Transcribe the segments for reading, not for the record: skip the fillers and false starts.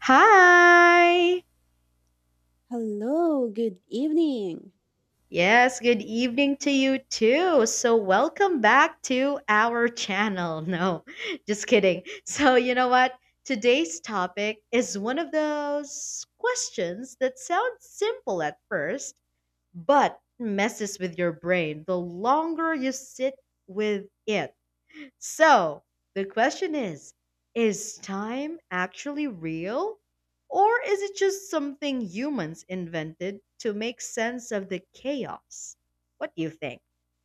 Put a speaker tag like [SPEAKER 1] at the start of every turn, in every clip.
[SPEAKER 1] Hi!
[SPEAKER 2] Hello, good evening.
[SPEAKER 1] Yes, good evening to you too. So, welcome back to our channel. No, just kidding. So, you know what? Today's topic is one of those questions that sounds simple at first, but messes with your brain the longer you sit with it. So the question is time actually real? Or is it just something humans invented to make sense of the chaos? What do you think?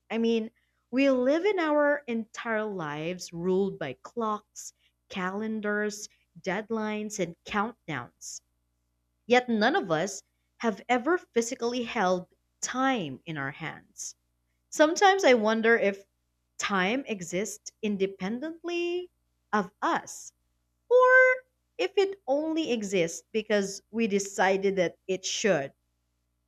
[SPEAKER 1] I mean, we live in our entire lives ruled by clocks, calendars, deadlines, and countdowns. Yet none of us have ever physically held time in our hands. Sometimes I wonder if time exists independently of us, or if it only exists because we decided that it should.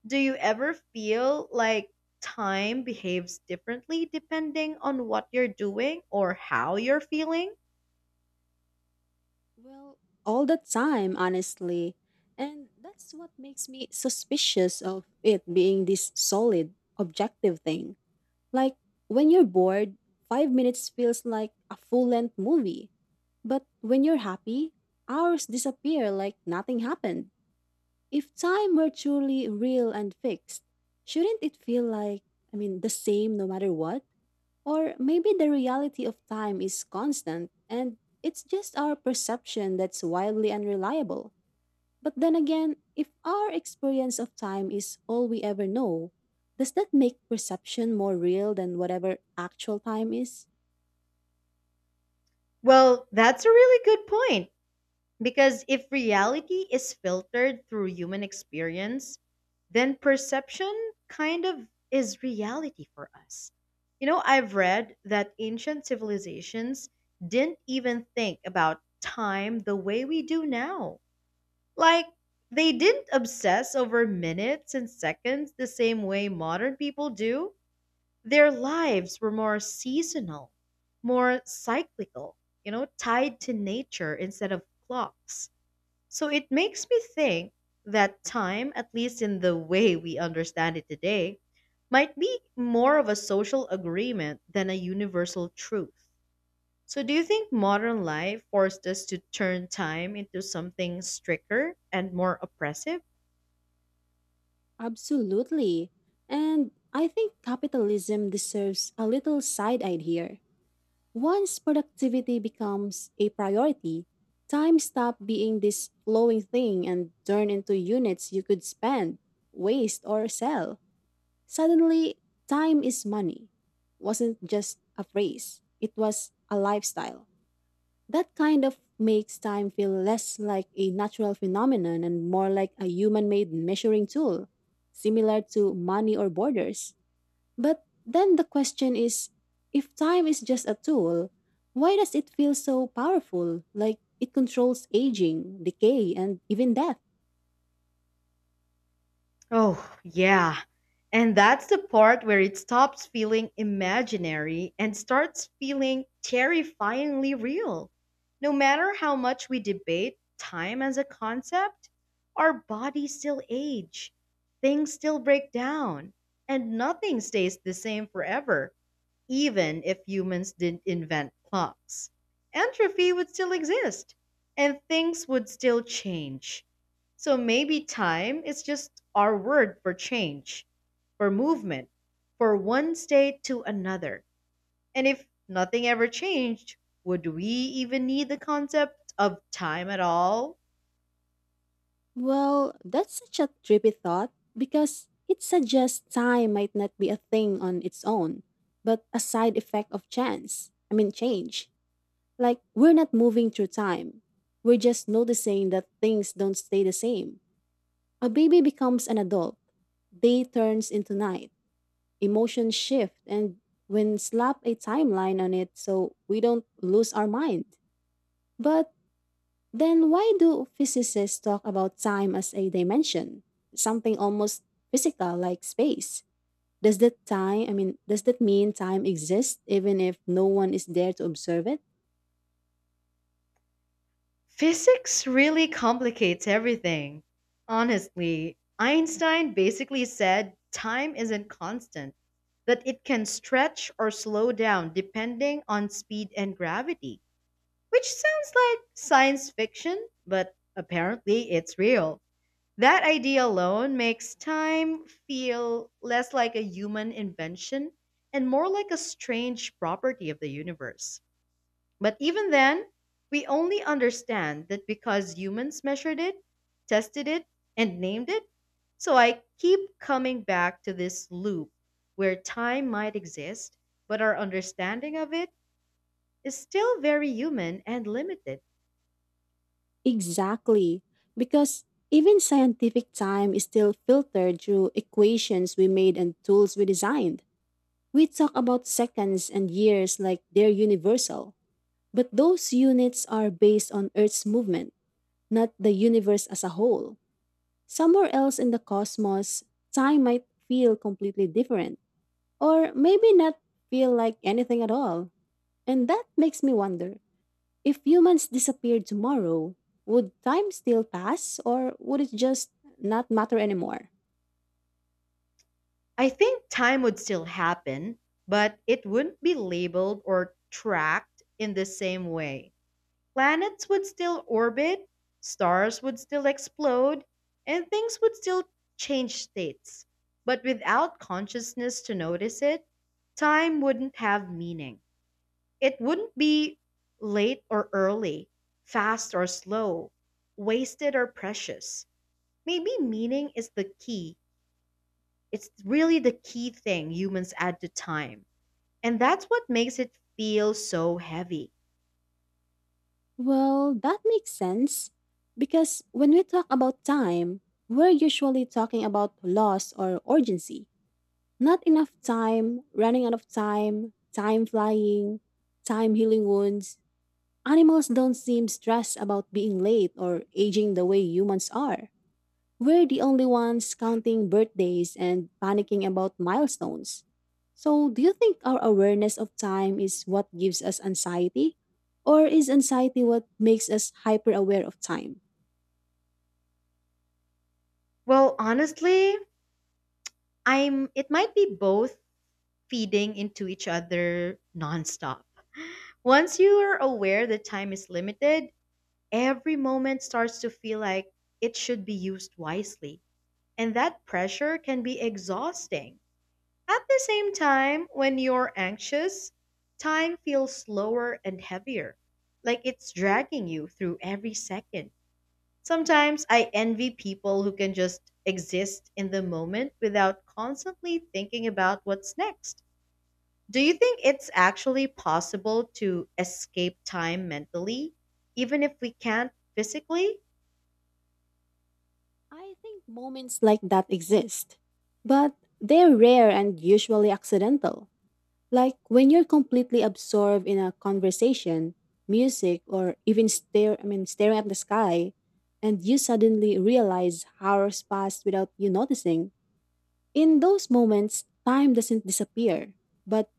[SPEAKER 1] Do you ever feel like time behaves differently depending on what you're doing or how you're feeling?
[SPEAKER 2] Well, all the time, honestly. And that's what makes me suspicious of it being this solid, objective thing. Like, when you're bored, 5 minutes feels like a full length movie. But when you're happy, hours disappear like nothing happened. If time were truly real and fixed, shouldn't it feel like, I mean, the same no matter what? Or maybe the reality of time is constant and it's just our perception that's wildly unreliable. But then again, if our experience of time is all we ever know, does that make perception more real than whatever actual time is?
[SPEAKER 1] Well, that's a really good point. Because if reality is filtered through human experience, then perception kind of is reality for us. You know, I've read that ancient civilizations didn't even think about time the way we do now. Like, they didn't obsess over minutes and seconds the same way modern people do. Their lives were more seasonal, more cyclical, you know, tied to nature instead of clocks. So it makes me think that time, at least in the way we understand it today, might be more of a social agreement than a universal truth. So do you think modern life forced us to turn time into something stricter and more oppressive?
[SPEAKER 2] Absolutely. And I think capitalism deserves a little side eye here. Once productivity becomes a priority, time stops being this flowing thing and turn into units you could spend, waste, or sell. Suddenly, time is money. Wasn't just a phrase, it was a lifestyle. That kind of makes time feel less like a natural phenomenon and more like a human made measuring tool, similar to money or borders. But then the question is, if time is just a tool, why does it feel so powerful? Like it controls aging, decay, and even death?
[SPEAKER 1] Oh, yeah. And that's the part where it stops feeling imaginary and starts feeling terrifyingly real. No matter how much we debate time as a concept, our bodies still age, things still break down, and nothing stays the same forever even if humans didn't invent clocks. Entropy would still exist and things would still change. So maybe time is just our word for change, for movement, for one state to another. And if nothing ever changed, would we even need the concept of time at all?
[SPEAKER 2] Well, that's such a trippy thought because it suggests time might not be a thing on its own, but a side effect of change. Like we're not moving through time, we're just noticing that things don't stay the same. A baby becomes an adult, day turns into night, emotions shift, and when slap a timeline on it so we don't lose our mind. But then why do physicists talk about time as a dimension? Something almost physical like space. Does that mean time exists even if no one is there to observe it?
[SPEAKER 1] Physics really complicates everything. Honestly, Einstein basically said time isn't constant, that it can stretch or slow down depending on speed and gravity, which sounds like science fiction, but apparently it's real. That idea alone makes time feel less like a human invention and more like a strange property of the universe. But even then, we only understand that because humans measured it, tested it, and named it. So I keep coming back to this loop where time might exist, but our understanding of it is still very human and limited.
[SPEAKER 2] Exactly. Because even scientific time is still filtered through equations we made and tools we designed. We talk about seconds and years like they're universal. But those units are based on Earth's movement, not the universe as a whole. Somewhere else in the cosmos, time might feel completely different, or maybe not feel like anything at all. And that makes me wonder, if humans disappeared tomorrow, would time still pass, or would it just not matter anymore?
[SPEAKER 1] I think time would still happen, but it wouldn't be labeled or tracked in the same way. Planets would still orbit, stars would still explode, and things would still change states. But without consciousness to notice it, time wouldn't have meaning. It wouldn't be late or early, fast or slow, wasted or precious. Maybe meaning is the key. It's really the key thing humans add to time. And that's what makes it feel so heavy.
[SPEAKER 2] Well, that makes sense. Because when we talk about time, we're usually talking about loss or urgency. Not enough time, running out of time, time flying, time healing wounds. Animals don't seem stressed about being late or aging the way humans are. We're the only ones counting birthdays and panicking about milestones. So, do you think our awareness of time is what gives us anxiety? Or is anxiety what makes us hyper aware of time?
[SPEAKER 1] Well, honestly, I'm it might be both feeding into each other nonstop. Once you are aware that time is limited, every moment starts to feel like it should be used wisely. And that pressure can be exhausting. At the same time, when you're anxious, time feels slower and heavier, like it's dragging you through every second. Sometimes I envy people who can just exist in the moment without constantly thinking about what's next. Do you think it's actually possible to escape time mentally, even if we can't physically?
[SPEAKER 2] I think moments like that exist, but they're rare and usually accidental. Like when you're completely absorbed in a conversation, music, or even stare I mean staring at the sky, and you suddenly realize hours passed without you noticing. In those moments, time doesn't disappear, but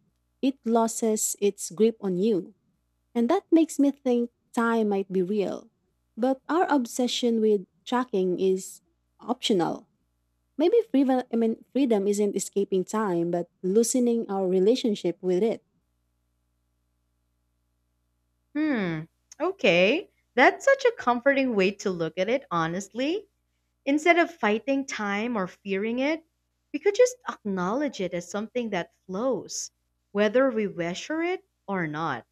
[SPEAKER 2] it loses its grip on you. And that makes me think time might be real. But our obsession with tracking is optional. Maybe freedom isn't escaping time, but loosening our relationship with it.
[SPEAKER 1] Hmm, okay. That's such a comforting way to look at it, honestly. Instead of fighting time or fearing it, we could just acknowledge it as something that flows, whether we wish for it or not.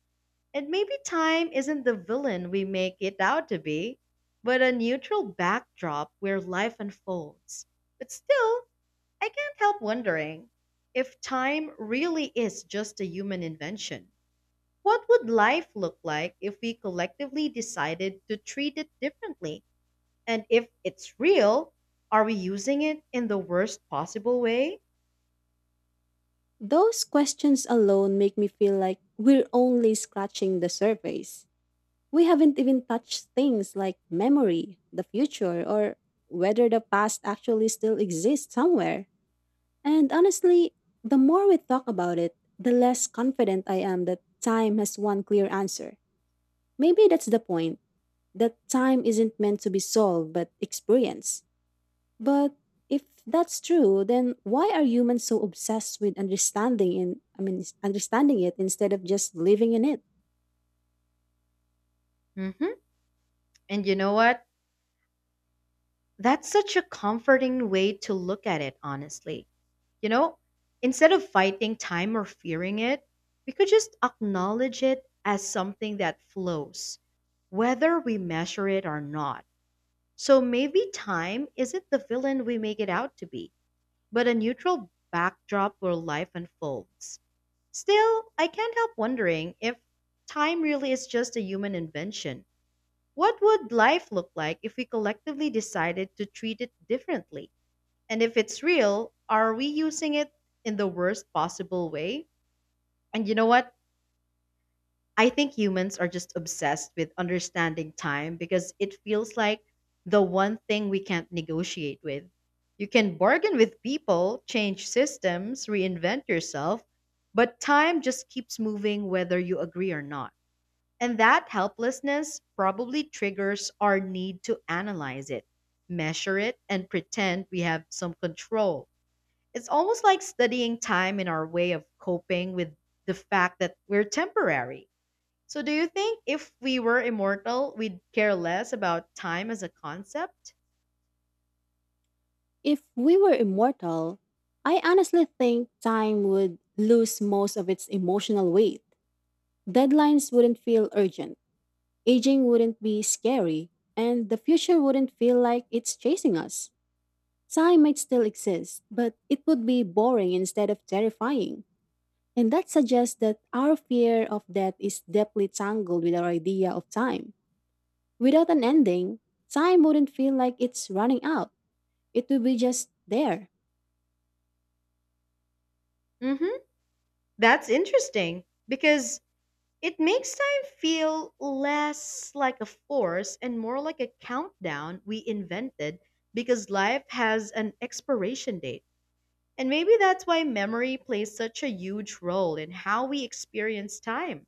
[SPEAKER 1] And maybe time isn't the villain we make it out to be, but a neutral backdrop where life unfolds. But still, I can't help wondering if time really is just a human invention. What would life look like if we collectively decided to treat it differently? And if it's real, are we using it in the worst possible way?
[SPEAKER 2] Those questions alone make me feel like we're only scratching the surface. We haven't even touched things like memory, the future, or whether the past actually still exists somewhere. And honestly, the more we talk about it, the less confident I am that time has one clear answer. Maybe that's the point, that time isn't meant to be solved but experienced. But if that's true, then why are humans so obsessed with understanding In I mean s- understanding it instead of just living in it?
[SPEAKER 1] Hmm. And you know what? That's such a comforting way to look at it, honestly. You know, instead of fighting time or fearing it, we could just acknowledge it as something that flows, whether we measure it or not. So maybe time isn't the villain we make it out to be, but a neutral backdrop where life unfolds. Still, I can't help wondering if time really is just a human invention. What would life look like if we collectively decided to treat it differently? And if it's real, are we using it in the worst possible way? And you know what? I think humans are just obsessed with understanding time because it feels like the one thing we can't negotiate with. You can bargain with people, change systems, reinvent yourself, but time just keeps moving whether you agree or not. And that helplessness probably triggers our need to analyze it, measure it, and pretend we have some control. It's almost like studying time in our way of coping with the fact that we're temporary. So, do you think if we were immortal, we'd care less about time as a concept?
[SPEAKER 2] If we were immortal, I honestly think time would lose most of its emotional weight. Deadlines wouldn't feel urgent, aging wouldn't be scary, and the future wouldn't feel like it's chasing us. Time might still exist, but it would be boring instead of terrifying. And that suggests that our fear of death is deeply tangled with our idea of time. Without an ending, time wouldn't feel like it's running out, it would be just there.
[SPEAKER 1] Hmm. That's interesting because it makes time feel less like a force and more like a countdown we invented because life has an expiration date. And maybe that's why memory plays such a huge role in how we experience time.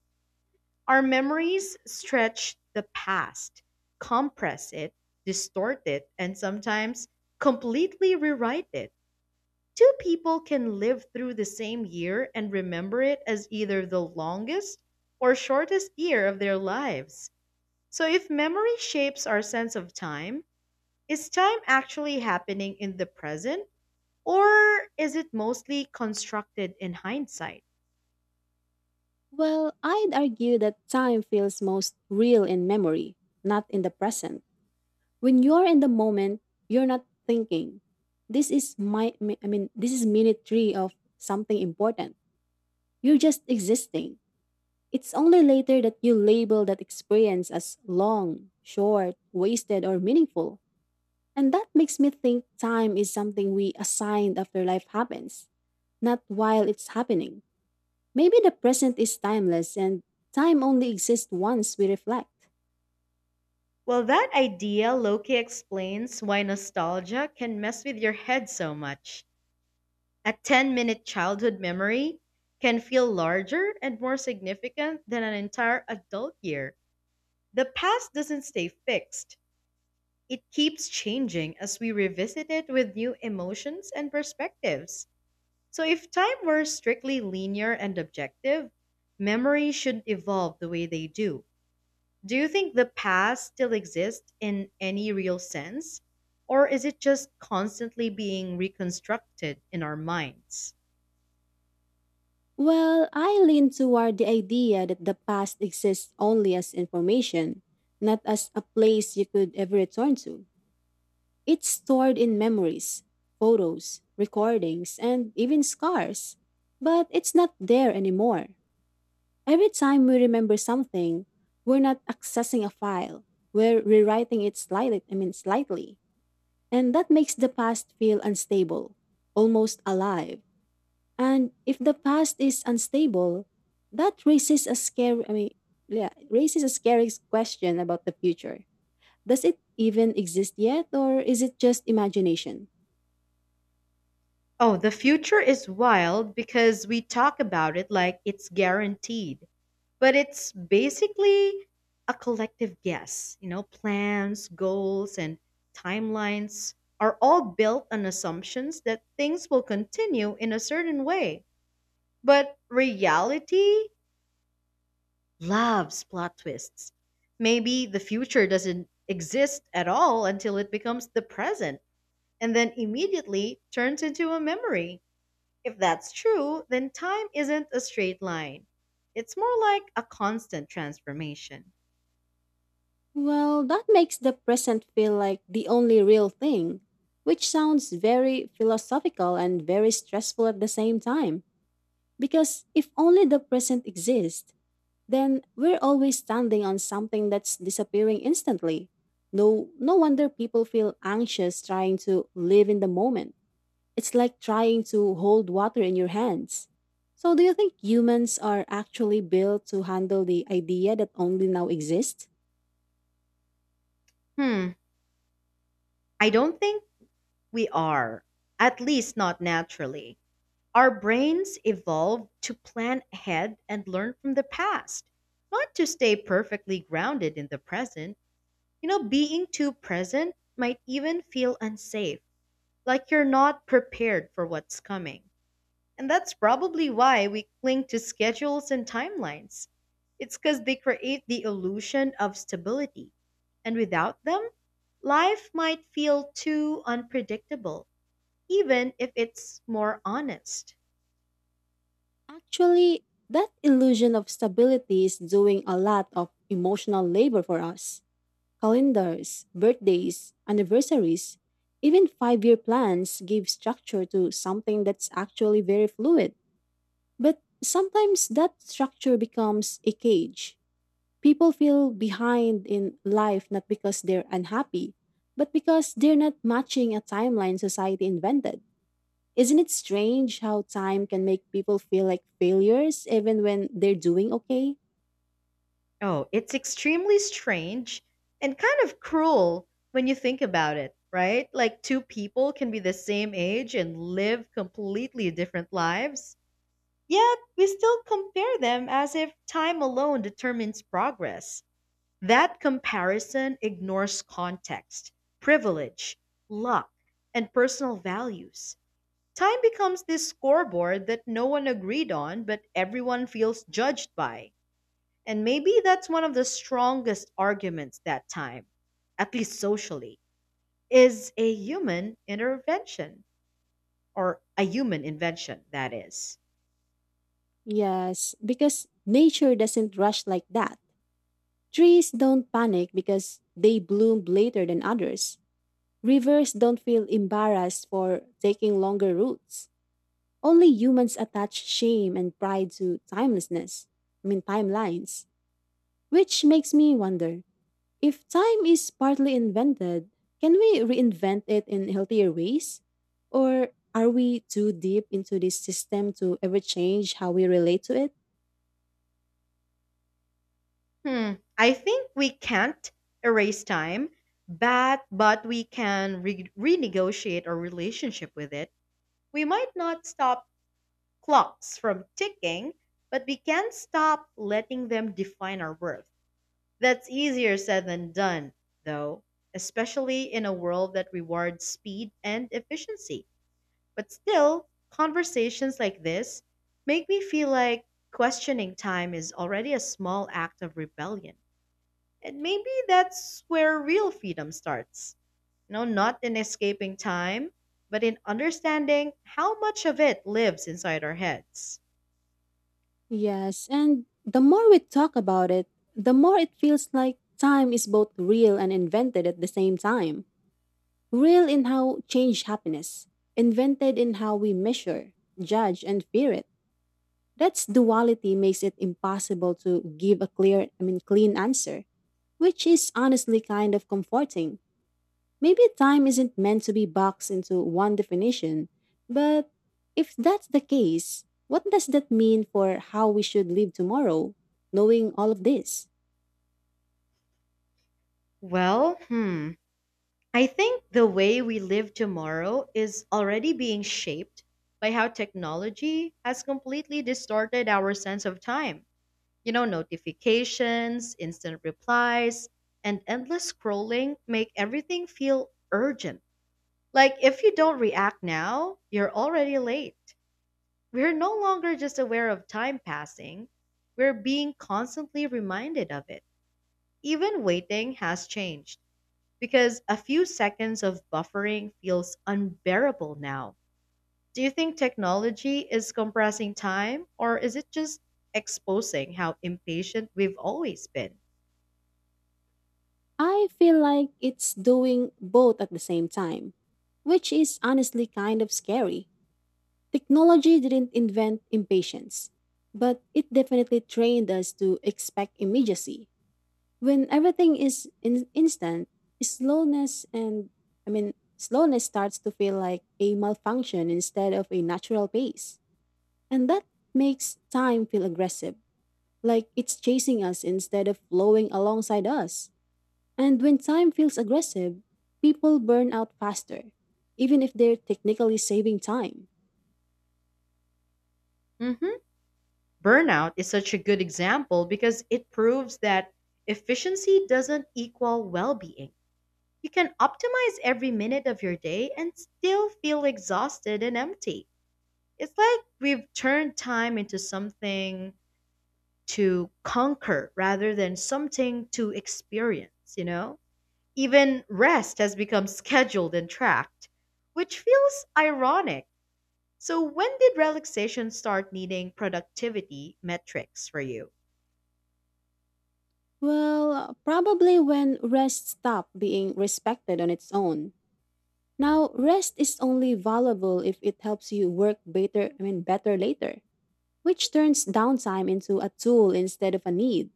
[SPEAKER 1] Our memories stretch the past, compress it, distort it, and sometimes completely rewrite it. Two people can live through the same year and remember it as either the longest or shortest year of their lives. So, if memory shapes our sense of time, is time actually happening in the present, or is it mostly constructed in hindsight?
[SPEAKER 2] Well, I'd argue that time feels most real in memory, not in the present. When you're in the moment, you're not thinking, this is my, I mean, this is minute three of something important. You're just existing. It's only later that you label that experience as long, short, wasted, or meaningful. And that makes me think time is something we assign after life happens, not while it's happening. Maybe the present is timeless and time only exists once we reflect.
[SPEAKER 1] Well, that idea Loki explains why nostalgia can mess with your head so much. A 10-minute childhood memory can feel larger and more significant than an entire adult year. The past doesn't stay fixed, it keeps changing as we revisit it with new emotions and perspectives. So, if time were strictly linear and objective, memories shouldn't evolve the way they do. Do you think the past still exists in any real sense? Or is it just constantly being reconstructed in our minds?
[SPEAKER 2] Well, I lean toward the idea that the past exists only as information, not as a place you could ever return to. It's stored in memories, photos, recordings, and even scars. But it's not there anymore. Every time we remember something, we're not accessing a file. We're rewriting it slightly, I mean slightly. And that makes the past feel unstable, almost alive. And if the past is unstable, that raises a scary I mean yeah, raises a scary question about the future. Does it even exist yet, or is it just imagination?
[SPEAKER 1] Oh, the future is wild because we talk about it like it's guaranteed. But it's basically a collective guess. You know, plans, goals, and timelines are all built on assumptions that things will continue in a certain way. But reality loves plot twists. Maybe the future doesn't exist at all until it becomes the present and then immediately turns into a memory. If that's true, then time isn't a straight line. It's more like a constant transformation.
[SPEAKER 2] Well, that makes the present feel like the only real thing, which sounds very philosophical and very stressful at the same time. Because if only the present exists, then we're always standing on something that's disappearing instantly. No, no wonder people feel anxious trying to live in the moment. It's like trying to hold water in your hands. So, do you think humans are actually built to handle the idea that only now exists?
[SPEAKER 1] Hmm, I don't think we are, at least not naturally. Our brains evolved to plan ahead and learn from the past, not to stay perfectly grounded in the present. You know, being too present might even feel unsafe, like you're not prepared for what's coming. And that's probably why we cling to schedules and timelines. It's because they create the illusion of stability. And without them, life might feel too unpredictable, even if it's more honest.
[SPEAKER 2] Actually, that illusion of stability is doing a lot of emotional labor for us. Calendars, birthdays, anniversaries, even 5-year plans give structure to something that's actually very fluid. But sometimes that structure becomes a cage. People feel behind in life not because they're unhappy, but because they're not matching a timeline society invented. Isn't it strange how time can make people feel like failures even when they're doing okay?
[SPEAKER 1] Oh, it's extremely strange and kind of cruel when you think about it, right? Like two people can be the same age and live completely different lives, yet we still compare them as if time alone determines progress. That comparison ignores context, privilege, luck, and personal values. Time becomes this scoreboard that no one agreed on but everyone feels judged by. And maybe that's one of the strongest arguments that time, at least socially, is a human intervention or a human invention, that is.
[SPEAKER 2] Yes, because nature doesn't rush like that. Trees don't panic because they bloom later than others. Rivers don't feel embarrassed for taking longer routes. Only humans attach shame and pride to timelines. Which makes me wonder, if time is partly invented, can we reinvent it in healthier ways? Or are we too deep into this system to ever change how we relate to it?
[SPEAKER 1] Hmm. I think we can't erase time, but we can renegotiate our relationship with it. We might not stop clocks from ticking, but we can stop letting them define our worth. That's easier said than done, though, especially in a world that rewards speed and efficiency. But still, conversations like this make me feel like questioning time is already a small act of rebellion. And maybe that's where real freedom starts. No, not in escaping time, but in understanding how much of it lives inside our heads.
[SPEAKER 2] Yes, and the more we talk about it, the more it feels like time is both real and invented at the same time. Real in how change happiness, invented in how we measure, judge, and fear it. That's duality makes it impossible to give a clean answer, which is honestly kind of comforting. Maybe time isn't meant to be boxed into one definition, but if that's the case, what does that mean for how we should live tomorrow, knowing all of this?
[SPEAKER 1] Well, hmm. I think the way we live tomorrow is already being shaped by how technology has completely distorted our sense of time. You know, notifications, instant replies, and endless scrolling make everything feel urgent. Like, if you don't react now, you're already late. We're no longer just aware of time passing, we're being constantly reminded of it. Even waiting has changed because a few seconds of buffering feels unbearable now. Do you think technology is compressing time or is it just exposing how impatient we've always been?
[SPEAKER 2] I feel like it's doing both at the same time, which is honestly kind of scary. Technology didn't invent impatience, but it definitely trained us to expect immediacy. When everything is instant, slowness and I mean slowness starts to feel like a malfunction instead of a natural pace. And that makes time feel aggressive, like it's chasing us instead of flowing alongside us. And when time feels aggressive, people burn out faster, even if they're technically saving time.
[SPEAKER 1] Mhm. Burnout is such a good example because it proves that efficiency doesn't equal well being. You can optimize every minute of your day and still feel exhausted and empty. It's like we've turned time into something to conquer rather than something to experience, you know? Even rest has become scheduled and tracked, which feels ironic. So, when did relaxation start needing productivity metrics for you?
[SPEAKER 2] Well, probably when rest stopped being respected on its own. Now, rest is only valuable if it helps you work better later, which turns downtime into a tool instead of a need.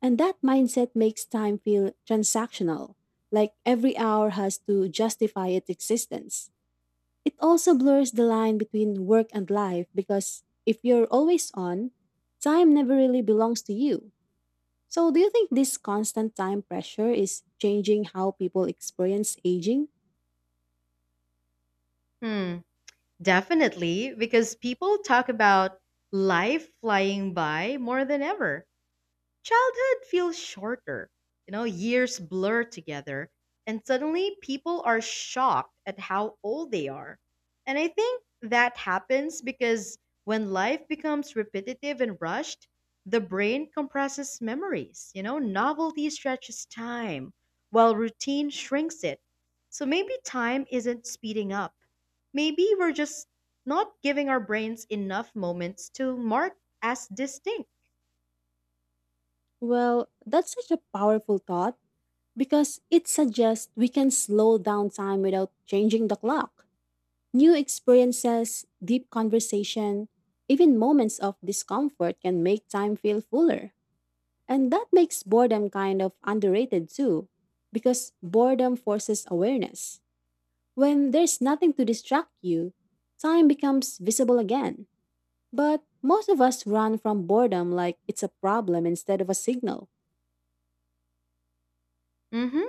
[SPEAKER 2] And that mindset makes time feel transactional, like every hour has to justify its existence. It also blurs the line between work and life because if you're always on, time never really belongs to you. So, do you think this constant time pressure is changing how people experience aging?
[SPEAKER 1] Hmm, definitely, because people talk about life flying by more than ever. Childhood feels shorter. You know, years blur together, and suddenly people are shocked at how old they are. And I think that happens because when life becomes repetitive and rushed, the brain compresses memories. You know, novelty stretches time, while routine shrinks it. So maybe time isn't speeding up. Maybe we're just not giving our brains enough moments to mark as distinct.
[SPEAKER 2] Well, that's such a powerful thought because it suggests we can slow down time without changing the clock. New experiences, deep conversation, even moments of discomfort can make time feel fuller. And that makes boredom kind of underrated too, because boredom forces awareness. When there's nothing to distract you, time becomes visible again. But most of us run from boredom like it's a problem instead of a signal.
[SPEAKER 1] Mm hmm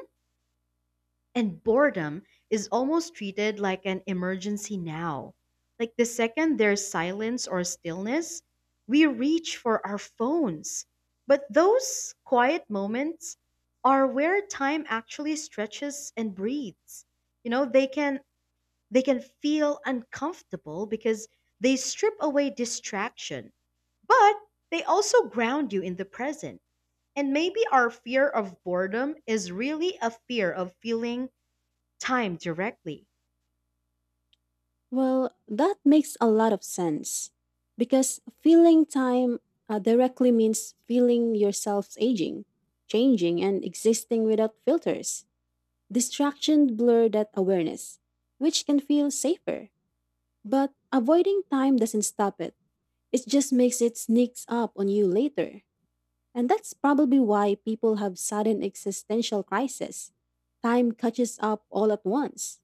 [SPEAKER 1] And boredom is almost treated like an emergency now. Like the second there's silence or stillness, we reach for our phones. But those quiet moments are where time actually stretches and breathes. You know, they can feel uncomfortable because they strip away distraction, but they also ground you in the present. And maybe our fear of boredom is really a fear of feeling time directly.
[SPEAKER 2] Well, that makes a lot of sense. Because feeling time directly means feeling yourself aging, changing, and existing without filters. Distraction blur that awareness, which can feel safer. But avoiding time doesn't stop it, it just makes it sneaks up on you later. And that's probably why people have sudden existential crisis. Time catches up all at once.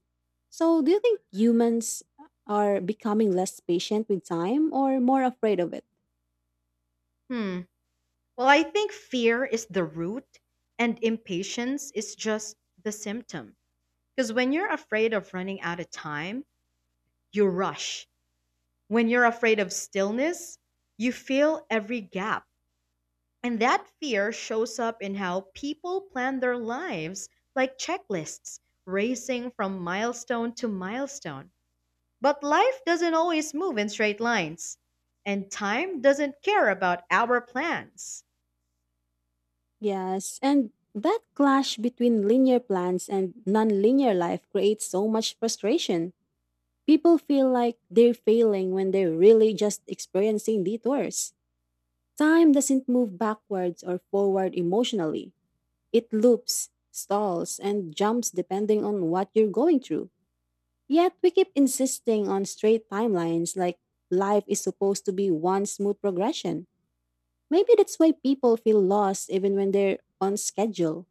[SPEAKER 2] So, do you think humans are becoming less patient with time or more afraid of it?
[SPEAKER 1] Hmm. Well, I think fear is the root and impatience is just the symptom. Because when you're afraid of running out of time, you rush. When you're afraid of stillness, you fill every gap. And that fear shows up in how people plan their lives like checklists, racing from milestone to milestone. But life doesn't always move in straight lines, and time doesn't care about our plans.
[SPEAKER 2] Yes, and that clash between linear plans and nonlinear life creates so much frustration. People feel like they're failing when they're really just experiencing detours. Time doesn't move backwards or forward emotionally. It loops, stalls, and jumps depending on what you're going through. Yet we keep insisting on straight timelines like life is supposed to be one smooth progression. Maybe that's why people feel lost even when they're on schedule.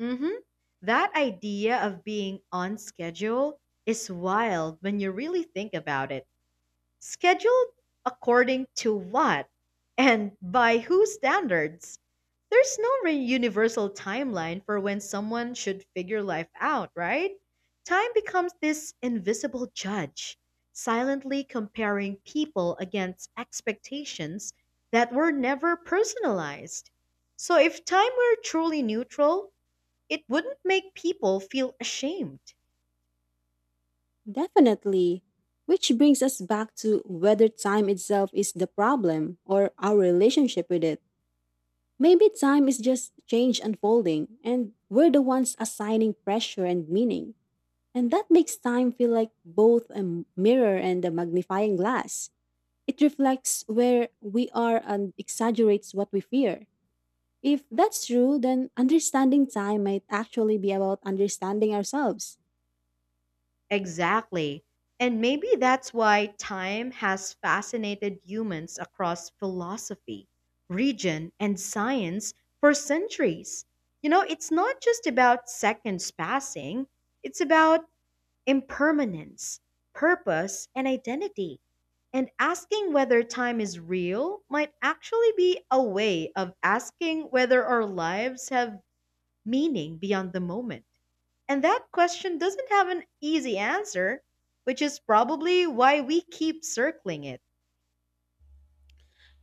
[SPEAKER 1] Mm-hmm. That idea of being on schedule is wild when you really think about it. Scheduled according to what? And by whose standards? There's no universal timeline for when someone should figure life out, right? Time becomes this invisible judge, silently comparing people against expectations that were never personalized. So if time were truly neutral, it wouldn't make people feel ashamed.
[SPEAKER 2] Definitely. Which brings us back to whether time itself is the problem or our relationship with it. Maybe time is just change unfolding, and we're the ones assigning pressure and meaning. And that makes time feel like both a mirror and a magnifying glass. It reflects where we are and exaggerates what we fear. If that's true, then understanding time might actually be about understanding ourselves.
[SPEAKER 1] Exactly. And maybe that's why time has fascinated humans across philosophy, region, and science for centuries. You know, it's not just about seconds passing, it's about impermanence, purpose, and identity. And asking whether time is real might actually be a way of asking whether our lives have meaning beyond the moment. And that question doesn't have an easy answer, which is probably why we keep circling it.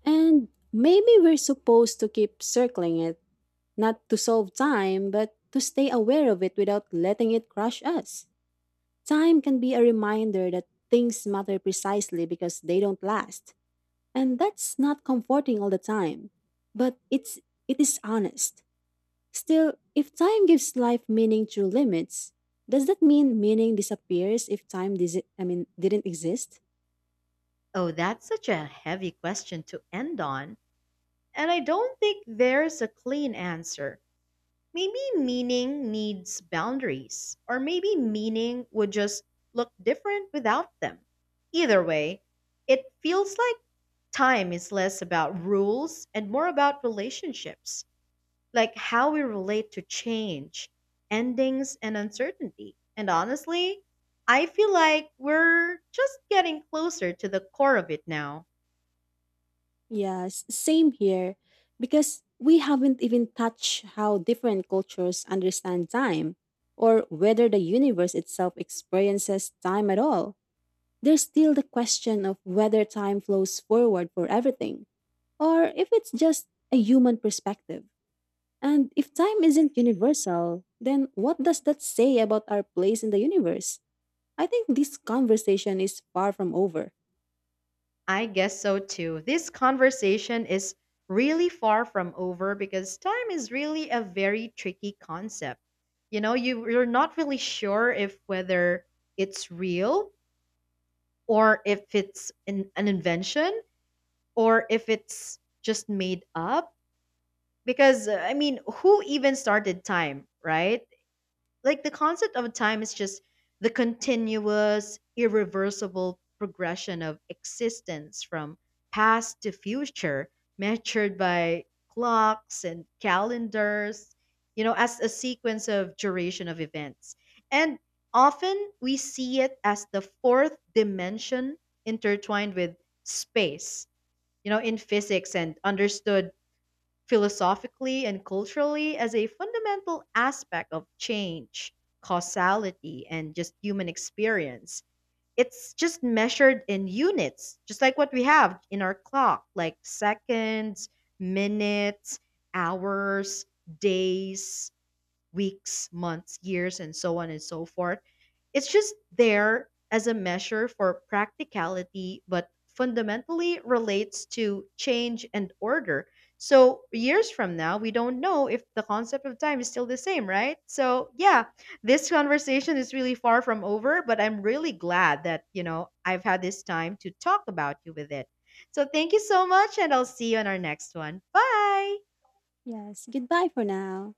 [SPEAKER 2] And maybe we're supposed to keep circling it, not to solve time, but to stay aware of it without letting it crush us. Time can be a reminder that things matter precisely because they don't last. And that's not comforting all the time, but it's it is honest. Still, if time gives life meaning through limits, does that mean meaning disappears if time didn't exist?
[SPEAKER 1] Oh, that's such a heavy question to end on. And I don't think there's a clean answer. Maybe meaning needs boundaries, or maybe meaning would just look different without them. Either way, it feels like time is less about rules and more about relationships, like how we relate to change, endings, and uncertainty. And honestly, I feel like we're just getting closer to the core of it now.
[SPEAKER 2] Yes, same here, because we haven't even touched how different cultures understand time or whether the universe itself experiences time at all. There's still the question of whether time flows forward for everything or if it's just a human perspective. And if time isn't universal, then what does that say about our place in the universe? I think this conversation is far from over.
[SPEAKER 1] I guess so too. This conversation is really far from over because time is really a very tricky concept. You know, you're not really sure if whether it's real or if it's an invention or if it's just made up because I mean, who even started time, right? Like the concept of time is just the continuous irreversible progression of existence from past to future, measured by clocks and calendars, you know, as a sequence of duration of events, and often we see it as the fourth dimension intertwined with space, you know, in physics, and understood philosophically and culturally as a fundamental aspect of change, causality, and just human experience. It's just measured in units, just like what we have in our clock, like seconds, minutes, hours, days, weeks, months, years, and so on and so forth. It's just there as a measure for practicality, but fundamentally relates to change and order. So, years from now, we don't know if the concept of time is still the same, right? So, yeah, this conversation is really far from over, but I'm really glad that, you know, I've had this time to talk about you with it. So, thank you so much, and I'll see you on our next one. Bye.
[SPEAKER 2] Yes, goodbye for now.